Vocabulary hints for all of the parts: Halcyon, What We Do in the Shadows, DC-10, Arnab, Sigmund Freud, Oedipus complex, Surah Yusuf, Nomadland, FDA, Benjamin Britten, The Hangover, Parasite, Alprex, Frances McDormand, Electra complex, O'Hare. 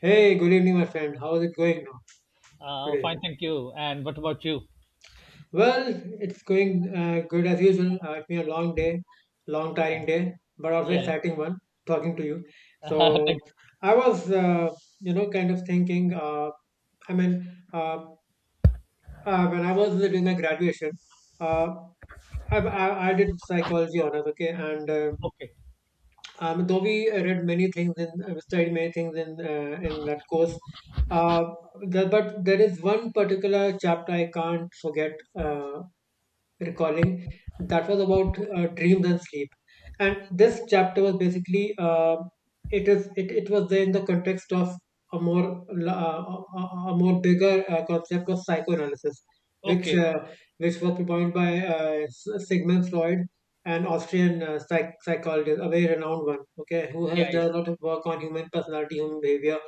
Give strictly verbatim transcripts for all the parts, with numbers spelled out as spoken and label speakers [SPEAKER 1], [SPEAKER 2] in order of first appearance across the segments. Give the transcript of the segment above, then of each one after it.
[SPEAKER 1] Hey, good evening, my friend. How's it going now
[SPEAKER 2] Uh,
[SPEAKER 1] today?
[SPEAKER 2] fine, thank you. And what about you?
[SPEAKER 1] Well, it's going uh, good as usual. Uh, it's been a long day, long
[SPEAKER 2] Yeah,
[SPEAKER 1] tiring day, but also
[SPEAKER 2] yeah.
[SPEAKER 1] exciting one. Talking to you,
[SPEAKER 2] Thank you.
[SPEAKER 1] so I was, uh, you know, kind of thinking. Uh, I mean, uh, uh, when I was doing my graduation, uh, I, I I did psychology honors. Okay. And uh,
[SPEAKER 2] Okay,
[SPEAKER 1] Um, though we uh, read many things and studied many things in uh, in that course, uh, the, but there is one particular chapter I can't forget. Uh, recalling that was about uh, dreams and sleep, and this chapter was basically, uh, it is it, it was there in the context of a more uh, a, a a more bigger uh, concept of psychoanalysis, which
[SPEAKER 2] okay,
[SPEAKER 1] uh, which was propounded by uh, S- Sigmund Freud, an
[SPEAKER 2] okay.
[SPEAKER 1] Austrian uh, psych- psychologist, a very renowned one. Okay, who
[SPEAKER 2] Yeah,
[SPEAKER 1] has
[SPEAKER 2] yeah.
[SPEAKER 1] done a lot of work on human personality, human behavior.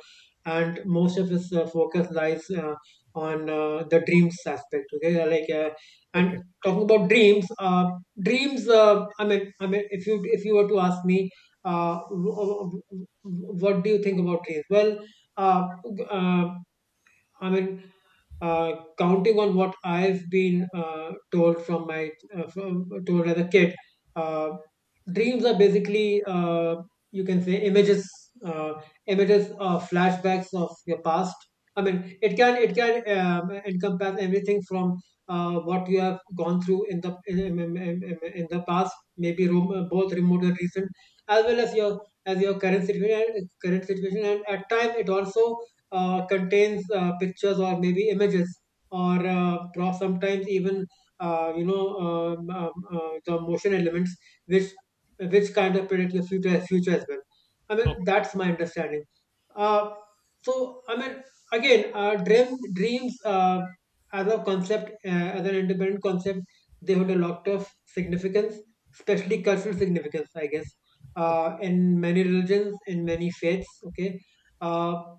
[SPEAKER 1] And most of his uh, focus lies uh, on uh, the dreams aspect, okay, like, uh, and
[SPEAKER 2] Okay,
[SPEAKER 1] talking about dreams uh, dreams, uh, i mean i mean, if you if you were to ask me, uh, w- w- w- what do you think about dreams? Well, uh, uh, I mean, uh, counting on what I've been uh, told from my, uh, from, told as a kid, uh, dreams are basically, uh, you can say images, uh, images or flashbacks of your past. I mean, it can it can um, encompass everything from uh, what you have gone through in the in, in, in, in in the past, maybe rem- both remote and recent, as well as your as your current situation, current situation, and at time it also uh, contains uh, pictures or maybe images, or uh, pro- sometimes even, uh, you know um, um, uh, the motion elements, which which kind of predict your future, future as well. I mean,
[SPEAKER 2] okay,
[SPEAKER 1] that's my understanding. Uh, so I mean, again, uh, dream dreams uh, as a concept, uh, as an independent concept, they hold a lot of significance, especially cultural significance, I guess.
[SPEAKER 2] okay,
[SPEAKER 1] Uh, in many religions, in many faiths, okay. Uh,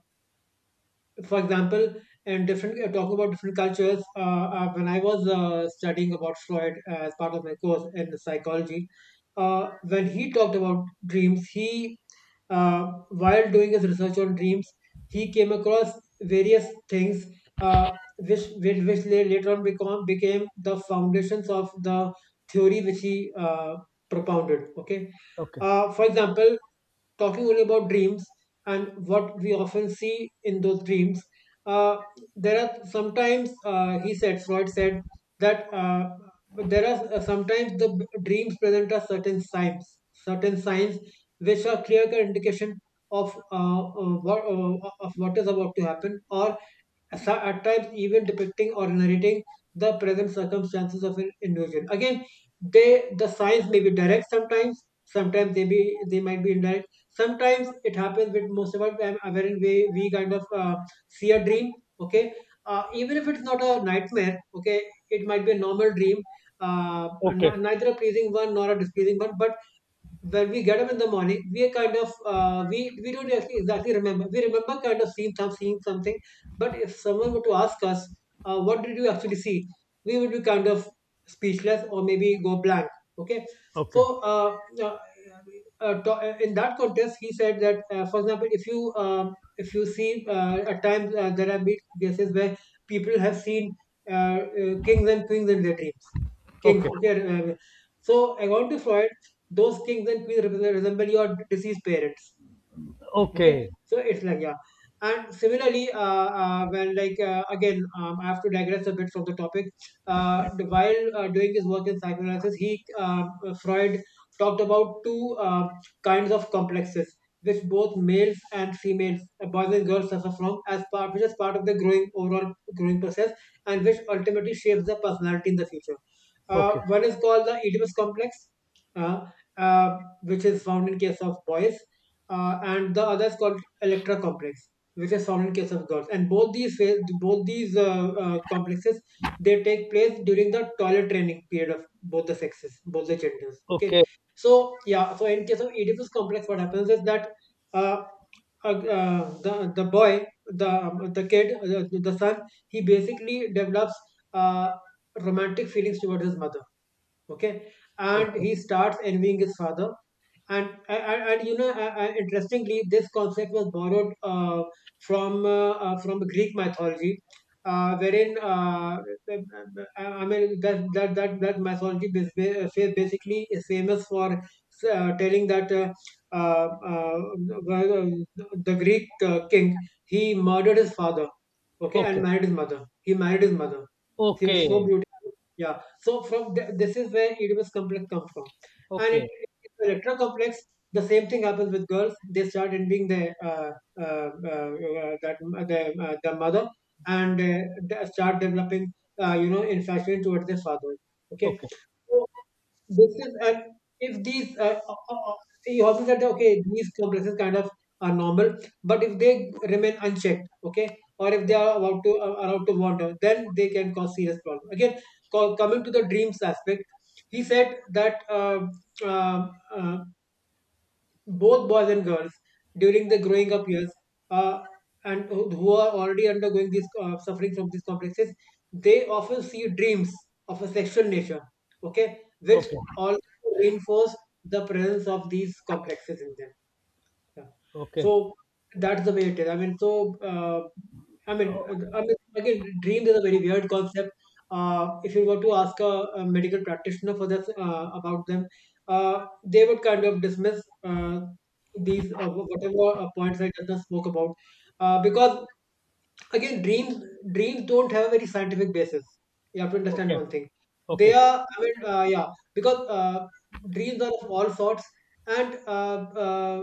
[SPEAKER 1] for example, and different uh, talking about different cultures. Uh, uh, when I was uh, studying about Freud as part of my course in psychology, uh, when he talked about dreams, he uh, while doing his research on dreams, he came across various things, uh, which, which which la- later on become became the foundations of the theory which he uh, propounded. Okay, uh, for example, talking only about dreams and what we often see in those dreams, uh, there are sometimes, uh, he said Freud said that, uh, there are uh, sometimes, the b- dreams present us certain signs, certain signs which are clear cut indication of uh, uh, what uh, of what is about to happen, or so- at times even depicting or narrating the present circumstances of an individual. Again, they the signs may be direct sometimes, sometimes they be they might be indirect. Sometimes it happens with most of us, um, wherein we we kind of uh, see a dream. Okay, uh, even if it's not a nightmare. Okay, it might be a normal dream, uh,
[SPEAKER 2] okay,
[SPEAKER 1] n- neither a pleasing one nor a displeasing one, but when we get up in the morning, we are kind of, uh, we we don't actually exactly remember. We remember kind of seeing some seeing something, but if someone were to ask us, uh, "What did you actually see?" we would be kind of speechless or maybe go blank. Okay,
[SPEAKER 2] okay,
[SPEAKER 1] so, uh, uh, uh, to- uh, in that context, he said that, uh, for example, if you um, if you see, uh, at times, uh, there have been cases where people have seen uh, uh, kings and queens in their dream. Kings.
[SPEAKER 2] okay,
[SPEAKER 1] Okay. uh, So according to Freud, those kings and queens represent- resemble your deceased parents. Okay,
[SPEAKER 2] okay,
[SPEAKER 1] so it's like, yeah. And similarly, uh, uh when, like, uh, again, um, I have to digress a bit from the topic. Uh the- while uh, doing his work in psychoanalysis, he, um uh, Freud, talked about two uh, kinds of complexes, which both males and females, uh, boys and girls, suffer from as part, which is part of the growing overall growing process, and which ultimately shapes the personality in the future.
[SPEAKER 2] okay,
[SPEAKER 1] Uh,
[SPEAKER 2] okay,
[SPEAKER 1] one is called the Oedipus complex. Uh, uh, which is found in case of boys, uh, and the other is called Electra complex, which is found in case of girls. And both these phase, both these uh, uh, complexes, they take place during the toilet training period of both the sexes, both the genders. Okay,
[SPEAKER 2] okay,
[SPEAKER 1] so yeah, so in case of Oedipus complex, what happens is that, uh, uh, uh, the the boy, the um, the kid, uh, the son, he basically develops uh, romantic feelings towards his mother. Okay, and
[SPEAKER 2] okay,
[SPEAKER 1] he starts envying his father. And and, and you know uh, uh, interestingly, this concept was borrowed, uh, from uh, uh, from Greek mythology, uh, wherein, uh, i I mean, that that that, that mythology bas- ba- uh, basically is famous for uh, telling that, uh, uh, uh, uh, the Greek uh, king, he murdered his father. Okay,
[SPEAKER 2] okay,
[SPEAKER 1] and
[SPEAKER 2] okay,
[SPEAKER 1] married his mother. He married his mother. She was so
[SPEAKER 2] okay,
[SPEAKER 1] beautiful. Yeah. So from th- this is where E D M S complex comes from, and
[SPEAKER 2] okay,
[SPEAKER 1] it,
[SPEAKER 2] okay,
[SPEAKER 1] it electro complex. The same thing happens with girls. They start envying the uh, uh, uh, uh, that the uh, the mother, and uh, they start developing, uh, you know infatuation towards their father. Okay. So, this is, and if these, uh, uh, uh, you hope that, okay, these complexes kind of are normal, but if they remain unchecked, okay, or if they are about to, uh, allowed to wander, then they can cause serious problems. Again, co- coming to the dreams aspect, he said that, uh, um, uh, both boys and girls during the growing up years, uh, and who who are already undergoing this, uh, suffering from these complexes, they often see dreams of a sexual nature, okay, which also reinforce the presence of these complexes in them. Yeah.
[SPEAKER 2] okay,
[SPEAKER 1] So that's the way it is. I mean, so, uh, I mean,
[SPEAKER 2] Oh,
[SPEAKER 1] uh, I mean, again, dreams is a very weird concept. Uh, if you were to ask a, a medical practitioner for this, uh, about them, uh, they would kind of dismiss, uh, these, uh, whatever uh, points I just spoke about, uh, because again, dreams dreams don't have a very scientific basis. You have to understand
[SPEAKER 2] okay,
[SPEAKER 1] one thing. They
[SPEAKER 2] okay,
[SPEAKER 1] are, I mean, uh, yeah, because, uh, dreams are of all sorts. And, uh, uh,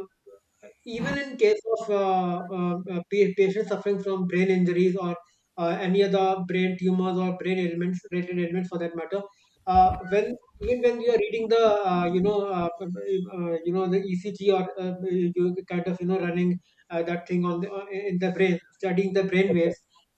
[SPEAKER 1] even in case of, uh, uh, uh, pa- patients suffering from brain injuries or, uh, any other brain tumors or brain ailments related ailments, for that matter, uh, when, even when you are reading the, uh, you know uh, uh, you know the E C G or, uh, you kind of, you know running, uh, that thing on the, uh, in the brain, studying the brain
[SPEAKER 2] okay,
[SPEAKER 1] waves.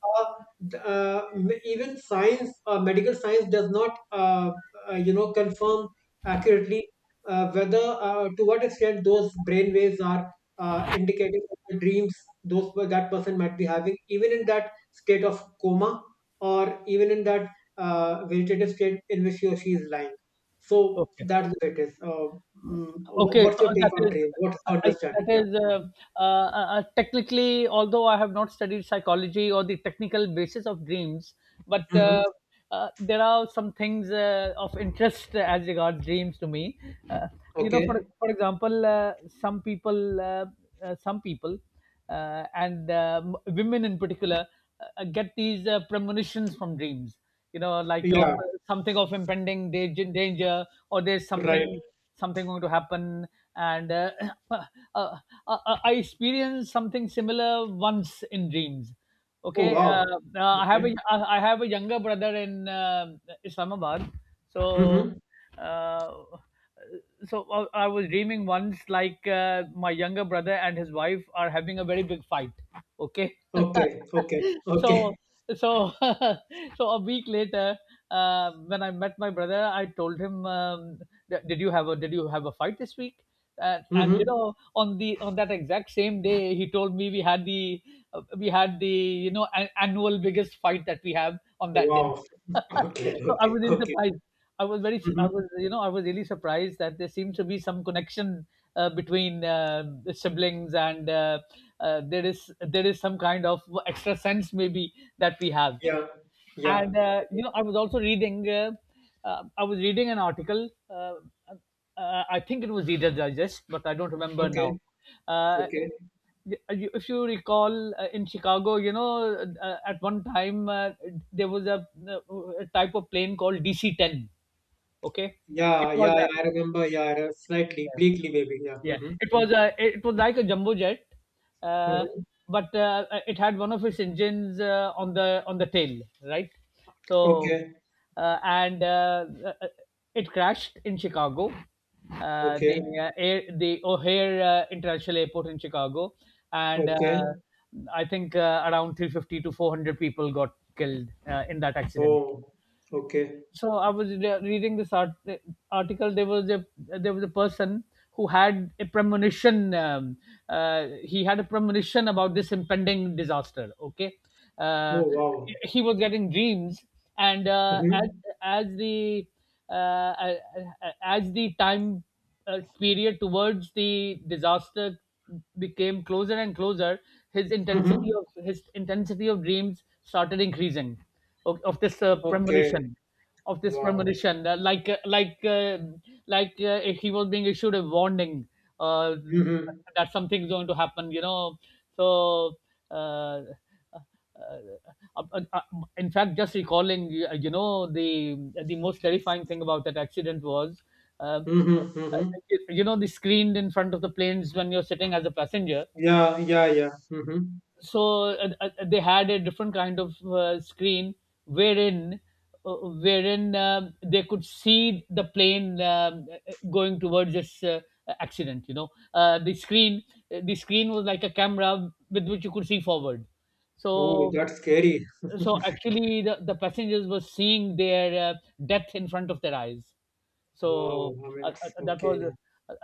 [SPEAKER 1] Uh, th- uh, m- Even science, uh, medical science, does not, uh, uh, you know, confirm accurately, uh, whether, uh, to what extent those brain waves are, uh, indicating of the dreams those that person might be having, even in that state of coma, or even in that uh, vegetative state in which he or she is lying. So
[SPEAKER 2] okay.
[SPEAKER 1] that's what it is. Uh, mm, wh-
[SPEAKER 2] Okay,
[SPEAKER 1] what's
[SPEAKER 2] so
[SPEAKER 1] your take
[SPEAKER 2] that
[SPEAKER 1] on
[SPEAKER 2] is
[SPEAKER 1] dream? What's your
[SPEAKER 2] I,
[SPEAKER 1] understanding?
[SPEAKER 2] that
[SPEAKER 1] Yeah.
[SPEAKER 2] is
[SPEAKER 1] Mm-hmm.
[SPEAKER 2] uh, uh, uh, technically, although I have not studied psychology or the technical basis of dreams, but
[SPEAKER 1] Mm-hmm.
[SPEAKER 2] uh, uh, there are some things uh, of interest as regards dreams to me. Uh, you know, for
[SPEAKER 1] Okay.
[SPEAKER 2] for example, uh, some people, uh, uh, some people, uh, and uh, m- women in particular, uh, get these uh, premonitions from dreams, you know, like of
[SPEAKER 1] Yeah.
[SPEAKER 2] something of impending da- danger, or there's
[SPEAKER 1] Right.
[SPEAKER 2] something something going to happen. And uh, uh, uh, uh, i experienced something similar once in dreams.
[SPEAKER 1] Oh,
[SPEAKER 2] Okay, uh,
[SPEAKER 1] wow.
[SPEAKER 2] uh, i have a
[SPEAKER 1] Okay.
[SPEAKER 2] i I have a younger brother in uh, Islamabad. So
[SPEAKER 1] Mm-hmm.
[SPEAKER 2] uh, so i I was dreaming once, like, uh, my younger brother and his wife are having a very big fight. Okay.
[SPEAKER 1] Okay. Okay.
[SPEAKER 2] so
[SPEAKER 1] Okay.
[SPEAKER 2] so so a week later, uh, when I met my brother, I told him, um, "Th- "Did you have a Did you have a fight this week?" Uh, and you
[SPEAKER 1] Mm-hmm.
[SPEAKER 2] know, on the on that exact same day, he told me we had the uh, we had the you know an annual biggest fight that we have on that day.
[SPEAKER 1] Wow. Okay.
[SPEAKER 2] So I
[SPEAKER 1] Okay.
[SPEAKER 2] was really
[SPEAKER 1] Okay.
[SPEAKER 2] surprised. I was very, I was,
[SPEAKER 1] Mm-hmm.
[SPEAKER 2] you know, I was really surprised that there seems to be some connection uh, between uh, the siblings, and uh, uh, there is there is some kind of extra sense maybe that we have.
[SPEAKER 1] Yeah. Yeah.
[SPEAKER 2] And uh,
[SPEAKER 1] Mhm.
[SPEAKER 2] you know, I was also reading uh, uh, I was reading an article. Uh, uh, i think it was Reader's Digest but I don't remember now.
[SPEAKER 1] Okay.
[SPEAKER 2] uh,
[SPEAKER 1] Okay.
[SPEAKER 2] y- you- if you recall, uh, in Chicago, you know, uh, at one time, uh, there was a, a type of plane called D C ten. Okay, it
[SPEAKER 1] Yeah.
[SPEAKER 2] was
[SPEAKER 1] Yeah. Yeah,
[SPEAKER 2] a,
[SPEAKER 1] I remember. Yeah. I re- Slightly bleakly, maybe. Yeah.
[SPEAKER 2] yeah,
[SPEAKER 1] Mm-hmm.
[SPEAKER 2] it
[SPEAKER 1] Mm-hmm.
[SPEAKER 2] was a it was like a jumbo jet, uh,
[SPEAKER 1] Mm-hmm.
[SPEAKER 2] but uh, it had one of its engines uh, on the on the tail, right? So,
[SPEAKER 1] Okay.
[SPEAKER 2] uh, and uh, uh, it crashed in Chicago, uh, the
[SPEAKER 1] Okay.
[SPEAKER 2] uh, air, the O'Hare uh, International Airport in Chicago, and uh,
[SPEAKER 1] Okay.
[SPEAKER 2] I think uh, around three hundred fifty to four hundred people got killed uh, in that accident.
[SPEAKER 1] Oh. Okay.
[SPEAKER 2] So I was re- reading this art- article. There was a there was a person who had a premonition. Um, uh, he had a premonition about this impending disaster. Okay,
[SPEAKER 1] Oh,
[SPEAKER 2] uh,
[SPEAKER 1] wow.
[SPEAKER 2] he was getting dreams, and uh, as
[SPEAKER 1] Mm-hmm.
[SPEAKER 2] as the uh, as the time uh, period towards the disaster became closer and closer, his intensity
[SPEAKER 1] Mm-hmm.
[SPEAKER 2] of his intensity of dreams started increasing of, of this uh,
[SPEAKER 1] Okay.
[SPEAKER 2] premonition of this
[SPEAKER 1] Wow.
[SPEAKER 2] premonition, uh, like uh, like uh, like uh, if he was being issued a warning, uh,
[SPEAKER 1] Mm-hmm.
[SPEAKER 2] that something's going to happen, you know. so. Uh, uh, uh, uh, uh, in fact, just recalling, you you know, the the most terrifying thing about that accident was, uh,
[SPEAKER 1] Mm-hmm.
[SPEAKER 2] uh,
[SPEAKER 1] Mm-hmm.
[SPEAKER 2] you know, the screen in front of the planes when you're sitting as a passenger.
[SPEAKER 1] Yeah. Yeah. Yeah. Mm-hmm.
[SPEAKER 2] So uh, uh, they had a different kind of uh, screen wherein uh, wherein um they could see the plane um, uh, going towards this uh, accident, you know. uh, the screen the screen was like a camera with which you could see forward.
[SPEAKER 1] Oh,
[SPEAKER 2] so
[SPEAKER 1] that's scary.
[SPEAKER 2] so actually the, the passengers were seeing their uh, death in front of their eyes.
[SPEAKER 1] Wow,
[SPEAKER 2] So
[SPEAKER 1] I
[SPEAKER 2] uh,
[SPEAKER 1] mean,
[SPEAKER 2] uh, that was uh,
[SPEAKER 1] okay.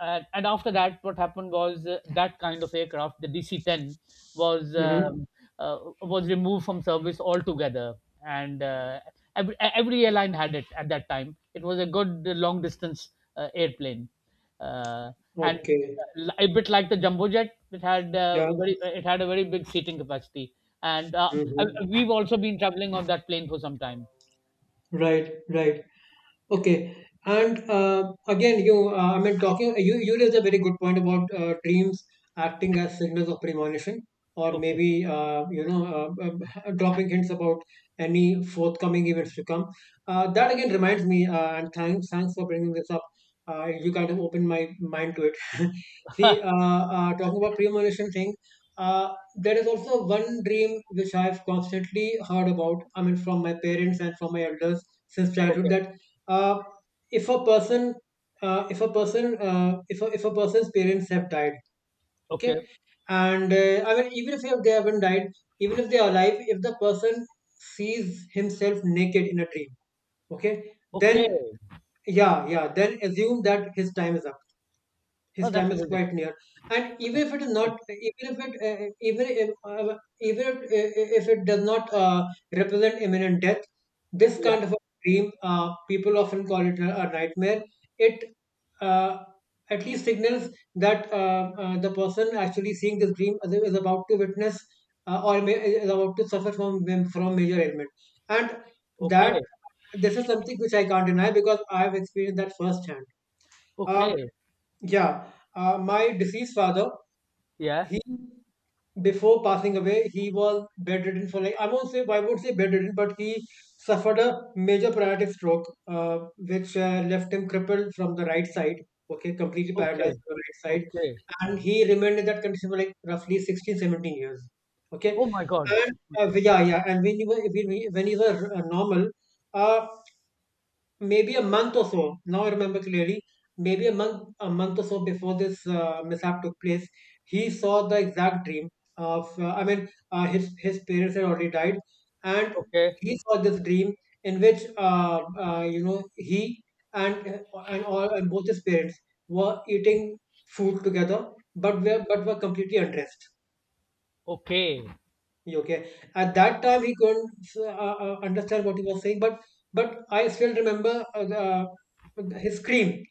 [SPEAKER 2] And and after that what happened was, uh, that kind of aircraft, the D C ten, was
[SPEAKER 1] Mm-hmm.
[SPEAKER 2] um, uh, was removed from service altogether. And uh, every, every airline had it. At that time it was a good uh, long distance uh, airplane, uh, and
[SPEAKER 1] Okay.
[SPEAKER 2] uh, a bit like the jumbo jet, it had
[SPEAKER 1] Yeah.
[SPEAKER 2] uh, very it had a very big seating capacity. And uh, uh,
[SPEAKER 1] Mm-hmm.
[SPEAKER 2] we've also been traveling on that plane for some time.
[SPEAKER 1] Right, right. Okay. And, uh, again, you, uh, I mean, talking, you, you raised a very good point about uh, dreams acting as signals of premonition, or
[SPEAKER 2] Okay,
[SPEAKER 1] maybe, uh, you know, uh, uh, dropping hints about any forthcoming events to come. Uh, that again reminds me, uh, and thanks, thanks for bringing this up. Uh, you kind of opened my mind to it. See, uh, uh, talking about premonition thing, uh, there is also one dream which I've constantly heard about, I mean, from my parents and from my elders since childhood
[SPEAKER 2] okay,
[SPEAKER 1] that uh, if a person uh, if a person uh, if a, if a person's parents have died, okay,
[SPEAKER 2] okay,
[SPEAKER 1] and uh, I mean even if they haven't died, even if they are alive, if the person sees himself naked in a dream, okay, then
[SPEAKER 2] okay.
[SPEAKER 1] yeah, yeah, then assume that his time is up, his
[SPEAKER 2] Oh,
[SPEAKER 1] time
[SPEAKER 2] that's
[SPEAKER 1] is
[SPEAKER 2] amazing.
[SPEAKER 1] quite near. And even
[SPEAKER 2] That's
[SPEAKER 1] if it is
[SPEAKER 2] amazing.
[SPEAKER 1] not, even if it uh, even if uh, even if, uh, if it does not uh, represent imminent death, this
[SPEAKER 2] Yeah.
[SPEAKER 1] kind of a dream, uh, people often call it a, a nightmare. It uh, at least signals that uh, uh, the person actually seeing this dream is is about to witness, uh, or may, is about to suffer from from major ailment. And that,
[SPEAKER 2] Okay,
[SPEAKER 1] this is something which I can't deny because I have experienced that firsthand. uh,
[SPEAKER 2] okay.
[SPEAKER 1] yeah, uh, my deceased father,
[SPEAKER 2] Yeah.
[SPEAKER 1] he, before passing away, he was bedridden for like, I won't say I won't say bedridden, but he suffered a major paralytic stroke, uh, which uh, left him crippled from the right side. Okay, completely
[SPEAKER 2] Okay,
[SPEAKER 1] paralyzed from the right side,
[SPEAKER 2] okay.
[SPEAKER 1] and he remained in that condition for like roughly sixteen, seventeen years. Okay,
[SPEAKER 2] Oh my god.
[SPEAKER 1] and
[SPEAKER 2] Oh
[SPEAKER 1] uh,
[SPEAKER 2] my god.
[SPEAKER 1] we- yeah, yeah, and when he was when he when he was uh, normal, uh, maybe a month or so. Now I remember clearly. Maybe a month, a month or so before this uh, mishap took place, he saw the exact dream of. Uh, I mean, uh, his his parents had already died, and
[SPEAKER 2] Okay,
[SPEAKER 1] he saw this dream in which uh, uh, you know, he and and all, and both his parents were eating food together, but were but were completely undressed.
[SPEAKER 2] okay,
[SPEAKER 1] Okay. At that time, he couldn't uh, uh, understand what he was saying, but but I still remember uh, uh, his scream.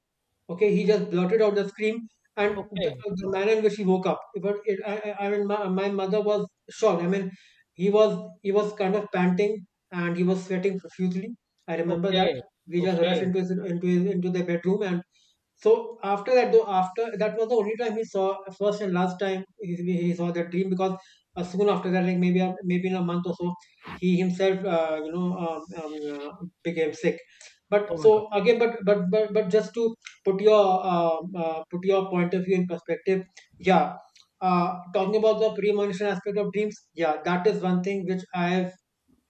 [SPEAKER 1] Okay, he just blurted out the scream, and the,
[SPEAKER 2] okay,
[SPEAKER 1] uh, the manner in which he woke up. But it, I, I I mean, my, my mother was shocked. I mean, he was, he was kind of panting and he was sweating profusely. I remember that.
[SPEAKER 2] okay,
[SPEAKER 1] We just
[SPEAKER 2] okay.
[SPEAKER 1] rushed into his into his, into the bedroom. And so after that, though, after that was the only time he saw, first and last time he, he saw that dream because uh, soon after that, like maybe a- maybe in a month or so, he himself, uh, you know um, um, uh, became sick. But
[SPEAKER 2] Oh my god.
[SPEAKER 1] so again, but but but, but just to put your uh, uh, put your point of view in perspective, yeah. Uh, talking about the premonition aspect of dreams, yeah, that is one thing which I have,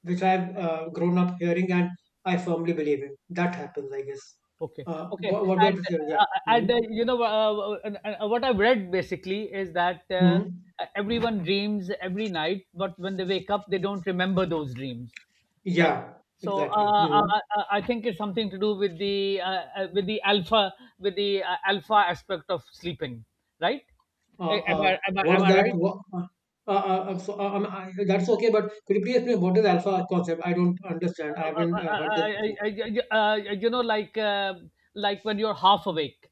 [SPEAKER 1] which I've uh, grown up hearing and I firmly believe in. That happens, I guess.
[SPEAKER 2] Okay,
[SPEAKER 1] Uh,
[SPEAKER 2] okay,
[SPEAKER 1] what, what
[SPEAKER 2] and
[SPEAKER 1] about you? Yeah.
[SPEAKER 2] uh,
[SPEAKER 1] Mm-hmm.
[SPEAKER 2] and uh, you know, uh, uh, uh, what I've read basically is that uh,
[SPEAKER 1] Hmm.
[SPEAKER 2] everyone dreams every night, but when they wake up, they don't remember those dreams, right?
[SPEAKER 1] Yeah,
[SPEAKER 2] So
[SPEAKER 1] exactly.
[SPEAKER 2] uh, uh,
[SPEAKER 1] Hmm.
[SPEAKER 2] uh, uh, I think it's something to do with the uh, uh, with the alpha, with the uh, alpha aspect of sleeping, right?
[SPEAKER 1] Uh,
[SPEAKER 2] Eh, Am I
[SPEAKER 1] uh,
[SPEAKER 2] am I,
[SPEAKER 1] what
[SPEAKER 2] am
[SPEAKER 1] is
[SPEAKER 2] I
[SPEAKER 1] that?
[SPEAKER 2] right?
[SPEAKER 1] What, uh, uh, uh, so, uh, um, I, that's okay, but could you please explain what is alpha concept? I don't understand. I
[SPEAKER 2] Uh, uh,
[SPEAKER 1] haven't
[SPEAKER 2] uh,
[SPEAKER 1] uh,
[SPEAKER 2] uh,
[SPEAKER 1] heard this
[SPEAKER 2] uh,
[SPEAKER 1] before.
[SPEAKER 2] uh, uh, uh, you know, like uh, like when you're half awake.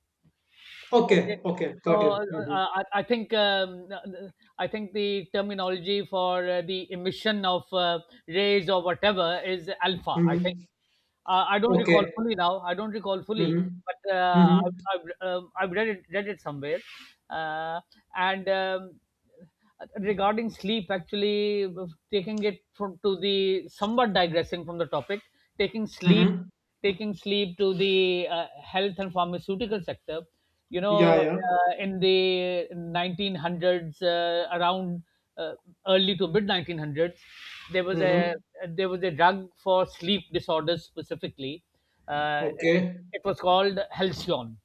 [SPEAKER 2] Okay.
[SPEAKER 1] Okay, okay,
[SPEAKER 2] So
[SPEAKER 1] got you.
[SPEAKER 2] uh,
[SPEAKER 1] Hmm.
[SPEAKER 2] uh, I, I think um, uh, I think the terminology for uh, the emission of uh, rays or whatever is alpha. I think
[SPEAKER 1] Hmm.
[SPEAKER 2] uh, I don't recall
[SPEAKER 1] Okay.
[SPEAKER 2] fully now. I don't recall fully,
[SPEAKER 1] Hmm.
[SPEAKER 2] but uh,
[SPEAKER 1] Hmm.
[SPEAKER 2] I've, I've, um, I've read it read it somewhere. Uh, and um, regarding sleep, actually, taking it from to the somewhat digressing from the topic, taking sleep
[SPEAKER 1] Hmm.
[SPEAKER 2] taking sleep to the uh, health and pharmaceutical sector. You
[SPEAKER 1] Yeah,
[SPEAKER 2] know,
[SPEAKER 1] yeah.
[SPEAKER 2] uh, in the nineteen hundreds, uh, around uh, early to mid nineteen hundreds, there was a
[SPEAKER 1] Hmm.
[SPEAKER 2] there was a drug for sleep disorders specifically. Uh, it,
[SPEAKER 1] Okay,
[SPEAKER 2] it was called Halcyon.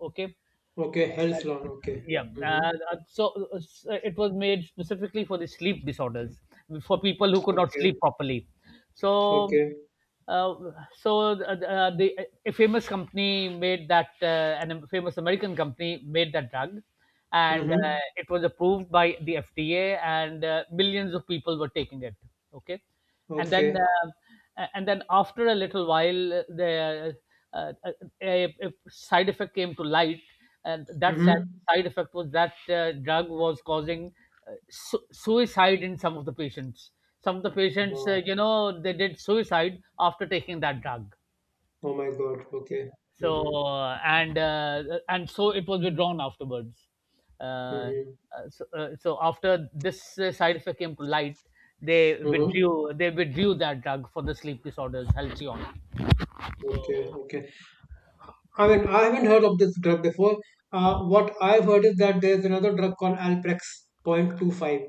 [SPEAKER 2] Okay,
[SPEAKER 1] okay, health loan. Okay.
[SPEAKER 2] yeah.
[SPEAKER 1] Hmm.
[SPEAKER 2] uh, uh, so uh, uh, it was made specifically for the sleep disorders, for people who could not
[SPEAKER 1] Okay,
[SPEAKER 2] sleep properly. So
[SPEAKER 1] okay.
[SPEAKER 2] uh, so uh, uh, the A famous company made that, uh, and a famous American company made that drug, and uh,
[SPEAKER 1] Hmm.
[SPEAKER 2] it was approved by the FDA, and uh, millions of people were taking it. Okay, and then
[SPEAKER 1] Okay.
[SPEAKER 2] uh, and then after a little while, uh, the uh, uh, a, a side effect came to light, and that sa-
[SPEAKER 1] Mm-hmm.
[SPEAKER 2] side effect was that uh, drug was causing uh, su- suicide in some of the patients. Some of the patients uh,
[SPEAKER 1] Wow.
[SPEAKER 2] you know, they did suicide after taking that drug.
[SPEAKER 1] Oh my God. Okay.
[SPEAKER 2] so
[SPEAKER 1] Mm-hmm.
[SPEAKER 2] uh, and uh, and so it was withdrawn afterwards. uh, uh,
[SPEAKER 1] Mm-hmm.
[SPEAKER 2] so, uh, so after this uh, side effect came to light, they
[SPEAKER 1] Mm-hmm.
[SPEAKER 2] withdrew they withdrew that drug for the sleep disorders, Halcyon.
[SPEAKER 1] Okay.
[SPEAKER 2] So,
[SPEAKER 1] Okay. I mean, I haven't heard of this drug before. Uh, what I've heard is that there's another drug called Alprex zero point two five,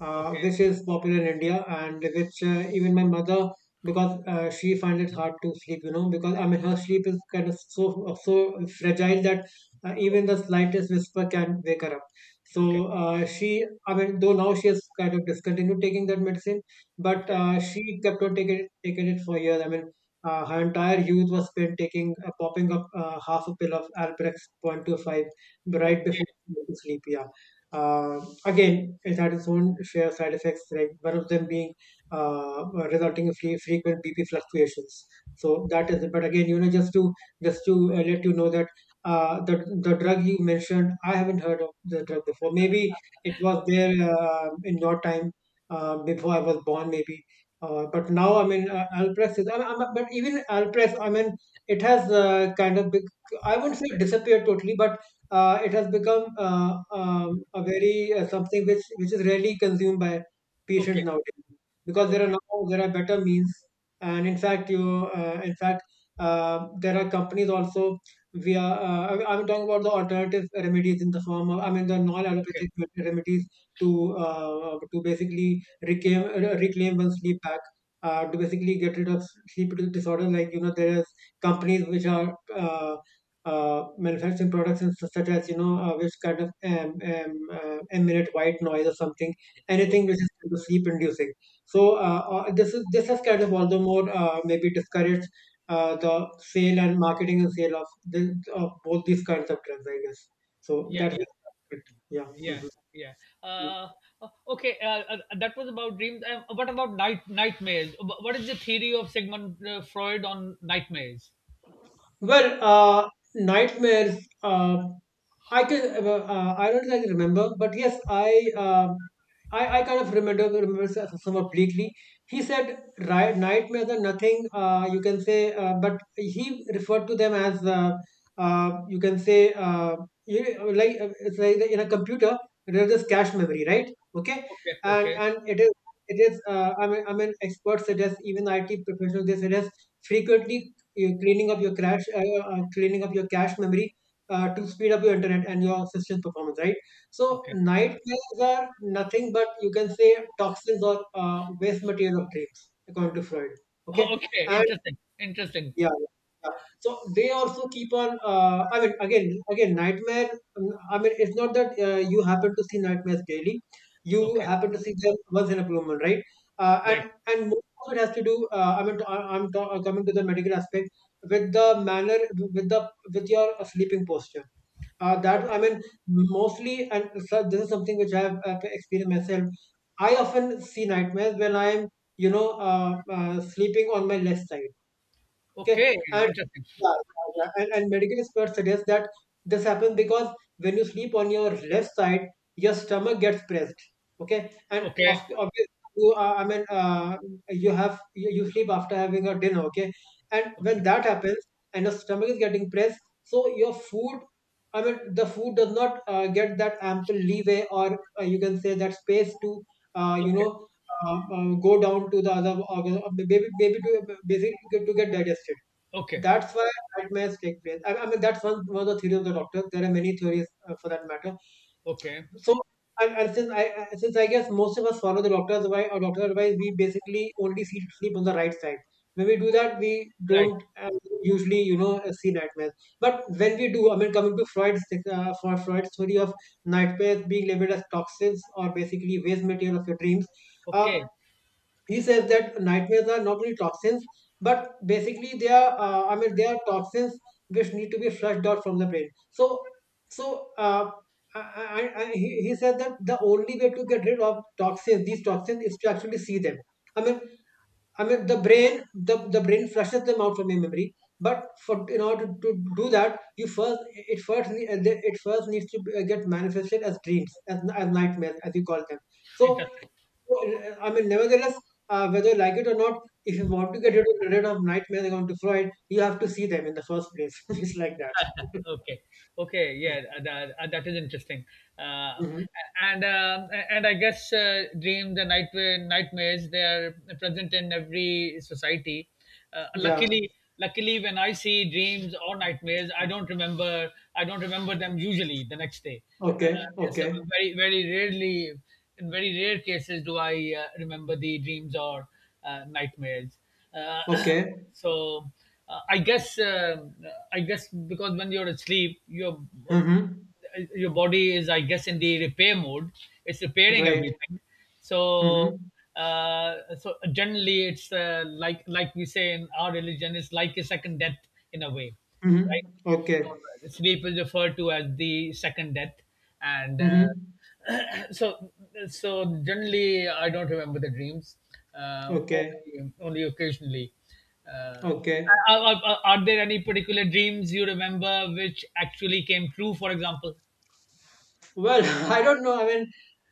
[SPEAKER 1] uh, which
[SPEAKER 2] okay,
[SPEAKER 1] is popular in India, and which, uh, even my mother, because uh, she finds it hard to sleep, you know, because I mean, her sleep is kind of so so fragile that uh, even the slightest whisper can wake her up.
[SPEAKER 2] okay,
[SPEAKER 1] So uh, she, I mean, though now she has kind of discontinued taking that medicine, but
[SPEAKER 2] okay,
[SPEAKER 1] uh, she kept on taking it, taking it for years. I mean, uh, her entire youth was spent taking, uh, popping up uh, half a pill of Alprex two point five right before
[SPEAKER 2] okay,
[SPEAKER 1] she went to sleep. Yeah. Uh, again, it had its own share of side effects, like one of them being uh, resulting in fre- frequent B P fluctuations. So that is it. But again, you know, just to just to uh, let you know that uh, the the drug you mentioned, I haven't heard of the drug before. Maybe it
[SPEAKER 2] okay,
[SPEAKER 1] was
[SPEAKER 2] okay,
[SPEAKER 1] there uh, in your time, uh, before I was born, maybe. Uh, but now, I mean, uh, Alprex is, I mean, but even Alprex, I mean, it has uh, kind of, bec I wouldn't say disappeared totally, but uh, it has become uh, um, a very uh, something which which is rarely consumed by patients
[SPEAKER 2] okay,
[SPEAKER 1] nowadays, because there are
[SPEAKER 2] okay,
[SPEAKER 1] now there are better means. And in fact, you uh, in fact uh, there are companies also via, uh, I- I'm talking about the alternative remedies in the form of, I mean, the
[SPEAKER 2] okay,
[SPEAKER 1] non-allopathic remedies, to uh, to basically reclaim uh, reclaim one sleep back, uh, to basically get rid of sleep disorder. Like, you know, there is companies which are uh, uh, manufacturing products and such, such as, you know, uh, which kind of um, um, uh, emanate white noise or something, anything
[SPEAKER 2] okay,
[SPEAKER 1] which is kind of sleep inducing. So uh, uh, this, is this has kind of all the more uh, maybe discouraged Uh, the sale and marketing and sale of the, of both these kinds of drugs, I guess. So
[SPEAKER 2] yeah,
[SPEAKER 1] that's
[SPEAKER 2] yeah,
[SPEAKER 1] it. Yeah.
[SPEAKER 2] yeah,
[SPEAKER 1] Hmm.
[SPEAKER 2] yeah. uh o- okay, uh, uh, that was about dreams. Uh, what about night nightmares? Wh- what is the theory of Sigmund uh, Freud on nightmares?
[SPEAKER 1] Well, uh, nightmares. Uh, I can. Uh, uh, I don't like remember, but yes, I. Uh, I, I kind of remember remember s- somewhat bleakly. He said, right, nightmares are nothing. Uh, you can say, uh, but he referred to them as. Uh, uh, you can say, uh, you, like uh, it's like in a computer there is cache memory, right? Okay,
[SPEAKER 2] Okay,
[SPEAKER 1] and
[SPEAKER 2] okay.
[SPEAKER 1] and it is, it is. Uh, I mean, I mean, experts suggest, even I T professionals, they suggest frequently you cleaning up your cache, uh, uh, cleaning up your cache memory, uh, to speed up your internet and your system performance, right? So
[SPEAKER 2] Okay.
[SPEAKER 1] nightmares are nothing but, you can say, toxins or uh, waste material of dreams, according to Freud. Okay,
[SPEAKER 2] Oh, okay.
[SPEAKER 1] and
[SPEAKER 2] Interesting. Interesting.
[SPEAKER 1] yeah, yeah. So they also keep on. Uh, I mean, again, again, nightmare. Um, I mean, it's not that uh, you happen to see nightmares daily. You
[SPEAKER 2] Okay.
[SPEAKER 1] happen to see them once in a blue moon, right? Uh,
[SPEAKER 2] Right.
[SPEAKER 1] and and most of it has to do. Uh, I mean, to- I- I'm ta- uh, coming to the medical aspect with the manner, with the with your uh, sleeping posture. Uh, that, I mean, mostly, and so this is something which I have uh, experienced myself. I often see nightmares when I'm, you know, uh, uh, sleeping on my left side. Okay,
[SPEAKER 2] Okay.
[SPEAKER 1] and
[SPEAKER 2] Interesting.
[SPEAKER 1] yeah, yeah, yeah. and, and medical experts suggest that this happens because when you sleep on your left side, your stomach gets pressed. Okay, and of,
[SPEAKER 2] Okay.
[SPEAKER 1] obviously you are, I mean, uh, you have you, you sleep after having a dinner. Okay, and when
[SPEAKER 2] Okay.
[SPEAKER 1] that happens and your stomach is getting pressed, so your food. I mean, the food does not uh, get that ample leeway, or uh, you can say that space to, uh, you
[SPEAKER 2] Okay.
[SPEAKER 1] know, uh, uh, go down to the other organ, uh, maybe, maybe, to basically to get to get digested.
[SPEAKER 2] Okay.
[SPEAKER 1] That's why nightmares take place. I, I mean, that's one, one of the theories of the doctor. There are many theories, uh, for that matter.
[SPEAKER 2] Okay.
[SPEAKER 1] So, and, and since I I- since I guess most of us follow the doctor's advice, or doctor's advice, we basically only see sleep on the right side. When we do that, we
[SPEAKER 2] Right.
[SPEAKER 1] don't uh, usually, you know, uh, see nightmares. But when we do, I mean, coming to Freud's, uh, for Freud's theory of nightmares being labeled as toxins or basically waste material of your dreams, uh,
[SPEAKER 2] Okay.
[SPEAKER 1] he says that nightmares are not only toxins, but basically they are, uh, I mean, they are toxins which need to be flushed out from the brain. So so uh, I, I, I, he, he said that the only way to get rid of toxins, these toxins, is to actually see them. I mean, i mean the brain, the, the brain flushes them out from your memory, but for in order to, to do that, you first, it first ne- it first needs to be- get manifested as dreams, as, as nightmares, as you call them. So
[SPEAKER 2] Interesting.
[SPEAKER 1] well, I mean, nevertheless, uh, whether you like it or not, if you want to get rid of, rid of nightmares, going to Freud, you have to see them in the first place. It's like that.
[SPEAKER 2] Okay. Okay. Yeah. uh, That, uh, that is interesting. Uh,
[SPEAKER 1] Mm-hmm.
[SPEAKER 2] and um, and I guess uh, dreams and nightmare nightmares, they are present in every society. Uh,
[SPEAKER 1] Yeah.
[SPEAKER 2] luckily, luckily, when I see dreams or nightmares, I don't remember. I don't remember them usually the next day. Uh,
[SPEAKER 1] Okay.
[SPEAKER 2] so
[SPEAKER 1] Okay.
[SPEAKER 2] very very rarely, in very rare cases, do I uh, remember the dreams or uh, nightmares. Uh,
[SPEAKER 1] Okay.
[SPEAKER 2] So uh, I guess uh, I guess because when you're asleep, your um,
[SPEAKER 1] Mm-hmm.
[SPEAKER 2] your body is I guess in the repair mode. It's repairing
[SPEAKER 1] Right.
[SPEAKER 2] everything. So
[SPEAKER 1] Mm-hmm.
[SPEAKER 2] uh, so generally, it's uh, like like we say in our religion, it's like a second death in a way, right?
[SPEAKER 1] Mm-hmm. Okay.
[SPEAKER 2] So, uh, sleep is referred to as the second death, and uh,
[SPEAKER 1] Mm-hmm.
[SPEAKER 2] so, so generally, I don't remember the dreams. Uh,
[SPEAKER 1] Okay.
[SPEAKER 2] only, only occasionally. Uh,
[SPEAKER 1] Okay.
[SPEAKER 2] are, are, are there any particular dreams you remember which actually came true? For example,
[SPEAKER 1] Well, I don't know. I mean,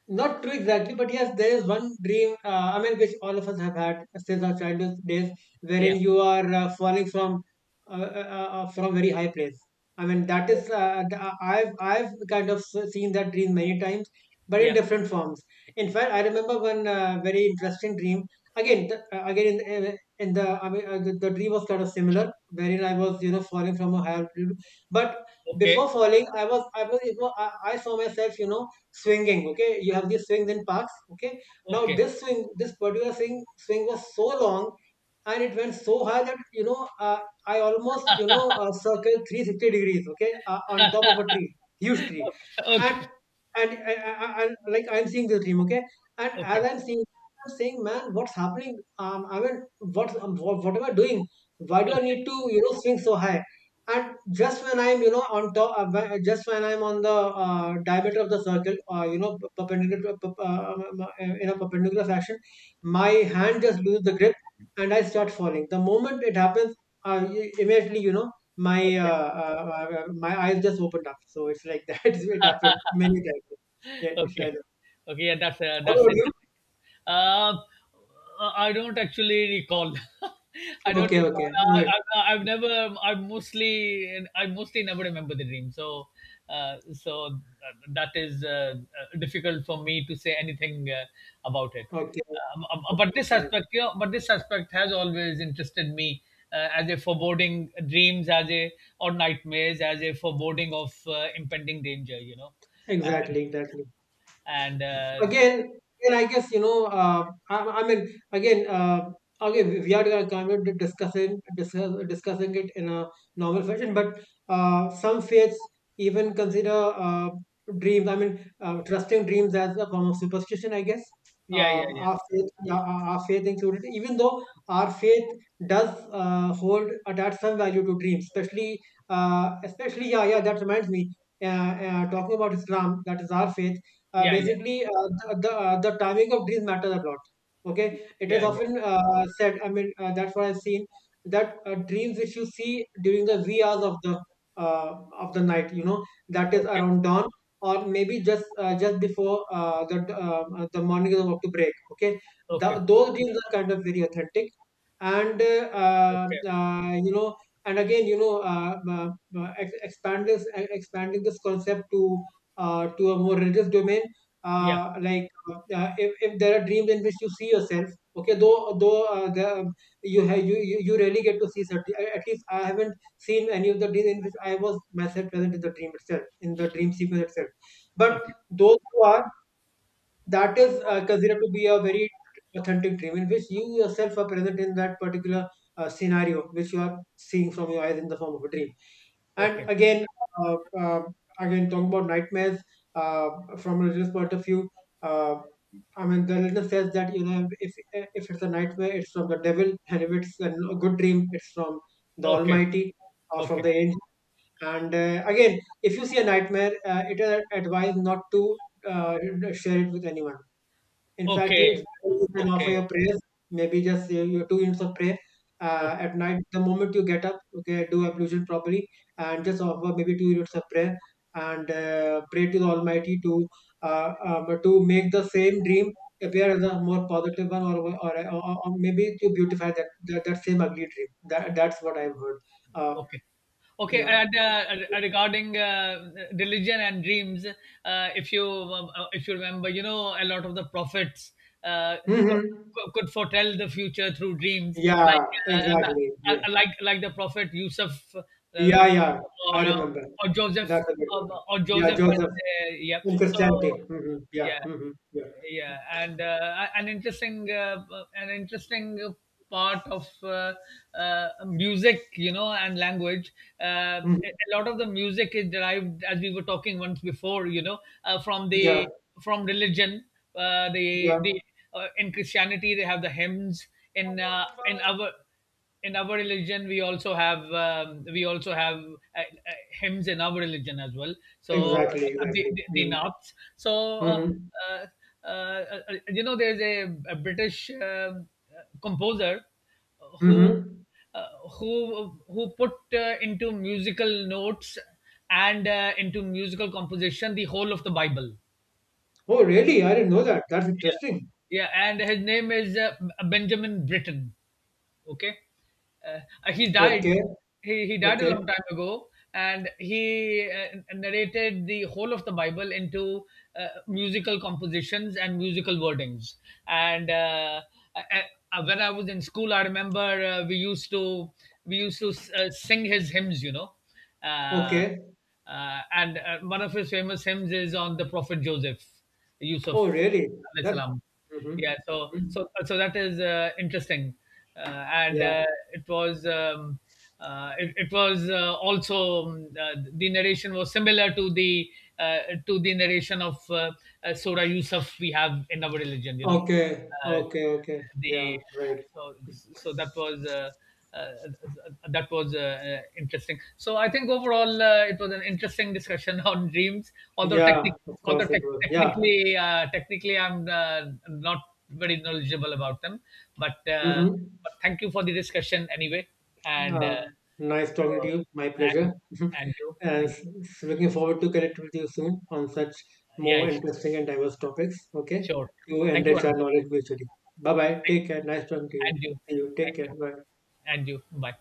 [SPEAKER 1] not true exactly, but yes, there is one dream. Uh, I mean, which all of us have had since our childhood days,
[SPEAKER 2] yeah,
[SPEAKER 1] wherein you are uh, falling from, uh, uh, uh, uh, from very high place. I mean, that is uh, th- uh, I've I've kind of s- seen that dream many times, but in
[SPEAKER 2] yeah,
[SPEAKER 1] different forms. In fact, I remember one uh, very interesting dream. Again, th- uh, again in, in, in the I mean, uh, the, the dream was kind of similar, wherein I was you know falling from a higher altitude. But
[SPEAKER 2] okay,
[SPEAKER 1] before falling, I was I was, it was I, I saw myself you know swinging. Okay, you have these swings in parks. Okay, now
[SPEAKER 2] okay,
[SPEAKER 1] this swing, this particular swing swing was so long, and it went so high that you know uh, I almost you know uh, circled three hundred sixty degrees. Okay, uh, on top of a tree, huge tree.
[SPEAKER 2] okay, okay,
[SPEAKER 1] and and I, I, like, I'm seeing this dream. Okay. And
[SPEAKER 2] okay,
[SPEAKER 1] as I'm seeing, I'm saying, "Man, what's happening? um I mean, what's um, what, what am I doing? Why do I
[SPEAKER 2] okay,
[SPEAKER 1] need to you know swing so high?" And just when I'm you know on top, uh, wh- just when I'm on the uh, diameter of the circle, uh, you know perpendicular to- uh, um, uh, in a perpendicular fashion, my hand just loses the grip, and I start falling. The moment it happens, uh, i- immediately you know my
[SPEAKER 2] okay.
[SPEAKER 1] uh, uh, uh, uh, my eyes just opened up. So it's like that. It happened many times. Yeah, it's like
[SPEAKER 2] Okay.
[SPEAKER 1] that.
[SPEAKER 2] Okay, yeah, that's uh,
[SPEAKER 1] What
[SPEAKER 2] that's
[SPEAKER 1] about
[SPEAKER 2] it.
[SPEAKER 1] you?
[SPEAKER 2] Um, I don't actually recall. I don't
[SPEAKER 1] Okay,
[SPEAKER 2] recall.
[SPEAKER 1] okay, no,
[SPEAKER 2] I,
[SPEAKER 1] it-
[SPEAKER 2] I, I've never. I mostly. I mostly never remember the dream. So, uh, so uh, that is uh, uh, difficult for me to say anything uh, about it.
[SPEAKER 1] okay,
[SPEAKER 2] Um, uh, but
[SPEAKER 1] okay,
[SPEAKER 2] this
[SPEAKER 1] fine.
[SPEAKER 2] aspect, you know, but this aspect has always interested me, uh, as a foreboding dreams, as a or nightmares, as a foreboding of uh, impending danger, you know.
[SPEAKER 1] Exactly, exactly.
[SPEAKER 2] And uh,
[SPEAKER 1] Again, and I guess you know. Uh, I, I mean, again, uh, again, we we are uh, kind of discussing discuss, discussing it in a normal fashion. But uh, some faiths even consider uh, dreams. I mean, uh, trusting dreams as a form of superstition, I guess.
[SPEAKER 2] yeah, yeah,
[SPEAKER 1] Um,
[SPEAKER 2] yeah,
[SPEAKER 1] our faith, yeah, our our faith included, even though our faith does uh, hold, attach some value to dreams, especially, uh, especially, yeah, yeah. That reminds me. Uh, uh, Talking about Islam, that is our faith, uh,
[SPEAKER 2] yeah, yeah,
[SPEAKER 1] basically. Uh, the, the, uh, the timing of dreams matters a lot. Okay, it is
[SPEAKER 2] yeah, yeah.
[SPEAKER 1] often uh, said, I mean, uh, that's what I've seen, that uh, dreams which you see during the wee hours of the uh, of the night you know that is
[SPEAKER 2] Okay,
[SPEAKER 1] around dawn, or maybe just uh, just before uh, the uh, the morning is about to break. Okay, the,
[SPEAKER 2] okay,
[SPEAKER 1] those dreams are kind of very authentic. And uh,
[SPEAKER 2] okay,
[SPEAKER 1] uh, you know and again you know uh, uh, uh, ex- expand this e- expanding this concept to uh, to a more religious domain,
[SPEAKER 2] yeah,
[SPEAKER 1] uh, like uh, uh, if, if there are dreams in which you see yourself. Okay, though though uh, the, um, you, ha- you you you rarely get to see certain, at least I haven't seen any of the dreams in which I was myself present in the dream itself, in the dream sequence itself. But
[SPEAKER 2] okay,
[SPEAKER 1] those who are that is uh, considered to be a very authentic dream in which you yourself are present in that particular uh, scenario, which you are seeing from your eyes in the form of a dream.
[SPEAKER 2] okay,
[SPEAKER 1] And again, uh, uh, again talking about nightmares, uh, from a religious point of view. uh, I mean, the religion says that you know if if it's a nightmare, it's from the devil, and if it's a good dream, it's from the
[SPEAKER 2] okay,
[SPEAKER 1] Almighty, or from
[SPEAKER 2] okay,
[SPEAKER 1] the angel. And uh, again, if you see a nightmare, uh, it is advised not to uh, share it with anyone. In fact,
[SPEAKER 2] okay,
[SPEAKER 1] it's better you can offer
[SPEAKER 2] okay,
[SPEAKER 1] your prayers, maybe just your, your two units of prayer uh,
[SPEAKER 2] okay.
[SPEAKER 1] at night. The moment you get up, okay, do ablution properly, and just offer maybe two units of prayer. And uh, pray to the Almighty to uh, um, to make the same dream appear as a more positive one, or or, or, or maybe to beautify that, that that same ugly dream. That that's what I've heard. Uh,
[SPEAKER 2] Okay. Okay,
[SPEAKER 1] yeah.
[SPEAKER 2] and uh, regarding uh, religion and dreams, uh, if you um, uh, if you remember, you know, a lot of the prophets uh, could,
[SPEAKER 1] Hmm.
[SPEAKER 2] could foretell the future through dreams, like
[SPEAKER 1] Yeah.
[SPEAKER 2] uh,
[SPEAKER 1] Exactly. Yeah.
[SPEAKER 2] li- like like the prophet Yusuf, uh,
[SPEAKER 1] Yeah. Yeah. I
[SPEAKER 2] or uh,
[SPEAKER 1] remember.
[SPEAKER 2] or Joseph,
[SPEAKER 1] That's a good
[SPEAKER 2] or,
[SPEAKER 1] one.
[SPEAKER 2] or
[SPEAKER 1] Yeah,
[SPEAKER 2] Joseph, and
[SPEAKER 1] Joseph,
[SPEAKER 2] uh, yeah.
[SPEAKER 1] in
[SPEAKER 2] So,
[SPEAKER 1] Christianity. Hmm. Yeah.
[SPEAKER 2] yeah,
[SPEAKER 1] Hmm. Yeah.
[SPEAKER 2] yeah. And uh, an interesting uh, an interesting part of uh, uh, music, you know, and language, uh,
[SPEAKER 1] Mhm.
[SPEAKER 2] a a lot of the music is derived, as we were talking once before, you know, uh, from
[SPEAKER 1] Yeah,
[SPEAKER 2] the from religion. Uh, the
[SPEAKER 1] yeah.
[SPEAKER 2] the uh, In Christianity they have the hymns. In uh, in our in our religion we also have um, we also have uh, uh, hymns in our religion as well, so
[SPEAKER 1] Exactly,
[SPEAKER 2] uh, the,
[SPEAKER 1] exactly.
[SPEAKER 2] the, the naats. So uh,
[SPEAKER 1] Hmm.
[SPEAKER 2] uh, uh, uh, you know, there's a, a British um, uh, composer
[SPEAKER 1] Hmm. Hmm.
[SPEAKER 2] who uh, who who put, uh, into musical notes and uh, into musical composition, the whole of the Bible.
[SPEAKER 1] Oh, really? I didn't know that. That's
[SPEAKER 2] Yeah,
[SPEAKER 1] interesting.
[SPEAKER 2] yeah, and his name is uh, Benjamin Britten. Okay, uh, he died.
[SPEAKER 1] Okay,
[SPEAKER 2] He he died a
[SPEAKER 1] okay,
[SPEAKER 2] long time ago, and he uh, narrated the whole of the Bible into uh, musical compositions and musical wordings. And uh, I, I, when I was in school, I remember uh, we used to we used to uh, sing his hymns, you know. Uh,
[SPEAKER 1] okay.
[SPEAKER 2] uh, and uh, one of his famous hymns is on the prophet Joseph, Yusuf.
[SPEAKER 1] Oh, really?
[SPEAKER 2] Al
[SPEAKER 1] That.
[SPEAKER 2] Islam.
[SPEAKER 1] Hmm.
[SPEAKER 2] Yeah, so
[SPEAKER 1] Hmm.
[SPEAKER 2] so so that is uh, interesting, uh, and
[SPEAKER 1] Yeah.
[SPEAKER 2] uh, it was um, uh, it, it was uh, also um, uh, the narration was similar to the uh, to the narration of uh, uh, Surah Yusuf we have in our religion, you know.
[SPEAKER 1] Okay,
[SPEAKER 2] Uh,
[SPEAKER 1] okay, okay. Yeah,
[SPEAKER 2] the
[SPEAKER 1] right.
[SPEAKER 2] So so that was uh, uh, that was uh, uh, interesting. So I think overall, uh, it was an interesting discussion on dreams. Although
[SPEAKER 1] Yeah,
[SPEAKER 2] technic
[SPEAKER 1] of
[SPEAKER 2] Although
[SPEAKER 1] course it
[SPEAKER 2] tec
[SPEAKER 1] was. Yeah.
[SPEAKER 2] technically, uh, technically I'm uh, not very knowledgeable about them, but uh,
[SPEAKER 1] Hmm.
[SPEAKER 2] but thank you for the discussion anyway. And uh,
[SPEAKER 1] Uh, nice talking to
[SPEAKER 2] so,
[SPEAKER 1] you. My
[SPEAKER 2] and you,
[SPEAKER 1] pleasure.
[SPEAKER 2] and you,
[SPEAKER 1] And
[SPEAKER 2] thank
[SPEAKER 1] s- s- looking forward to connect with you soon on such
[SPEAKER 2] Yeah,
[SPEAKER 1] more
[SPEAKER 2] sure,
[SPEAKER 1] interesting and diverse topics. Okay,
[SPEAKER 2] sure.
[SPEAKER 1] to
[SPEAKER 2] Thank you,
[SPEAKER 1] enrich our
[SPEAKER 2] Arnab.
[SPEAKER 1] knowledge mutually. Bye bye. Take care. Nice talking to you.
[SPEAKER 2] And you,
[SPEAKER 1] See you. Take
[SPEAKER 2] thank
[SPEAKER 1] care.
[SPEAKER 2] you,
[SPEAKER 1] Bye.
[SPEAKER 2] and you. Bye.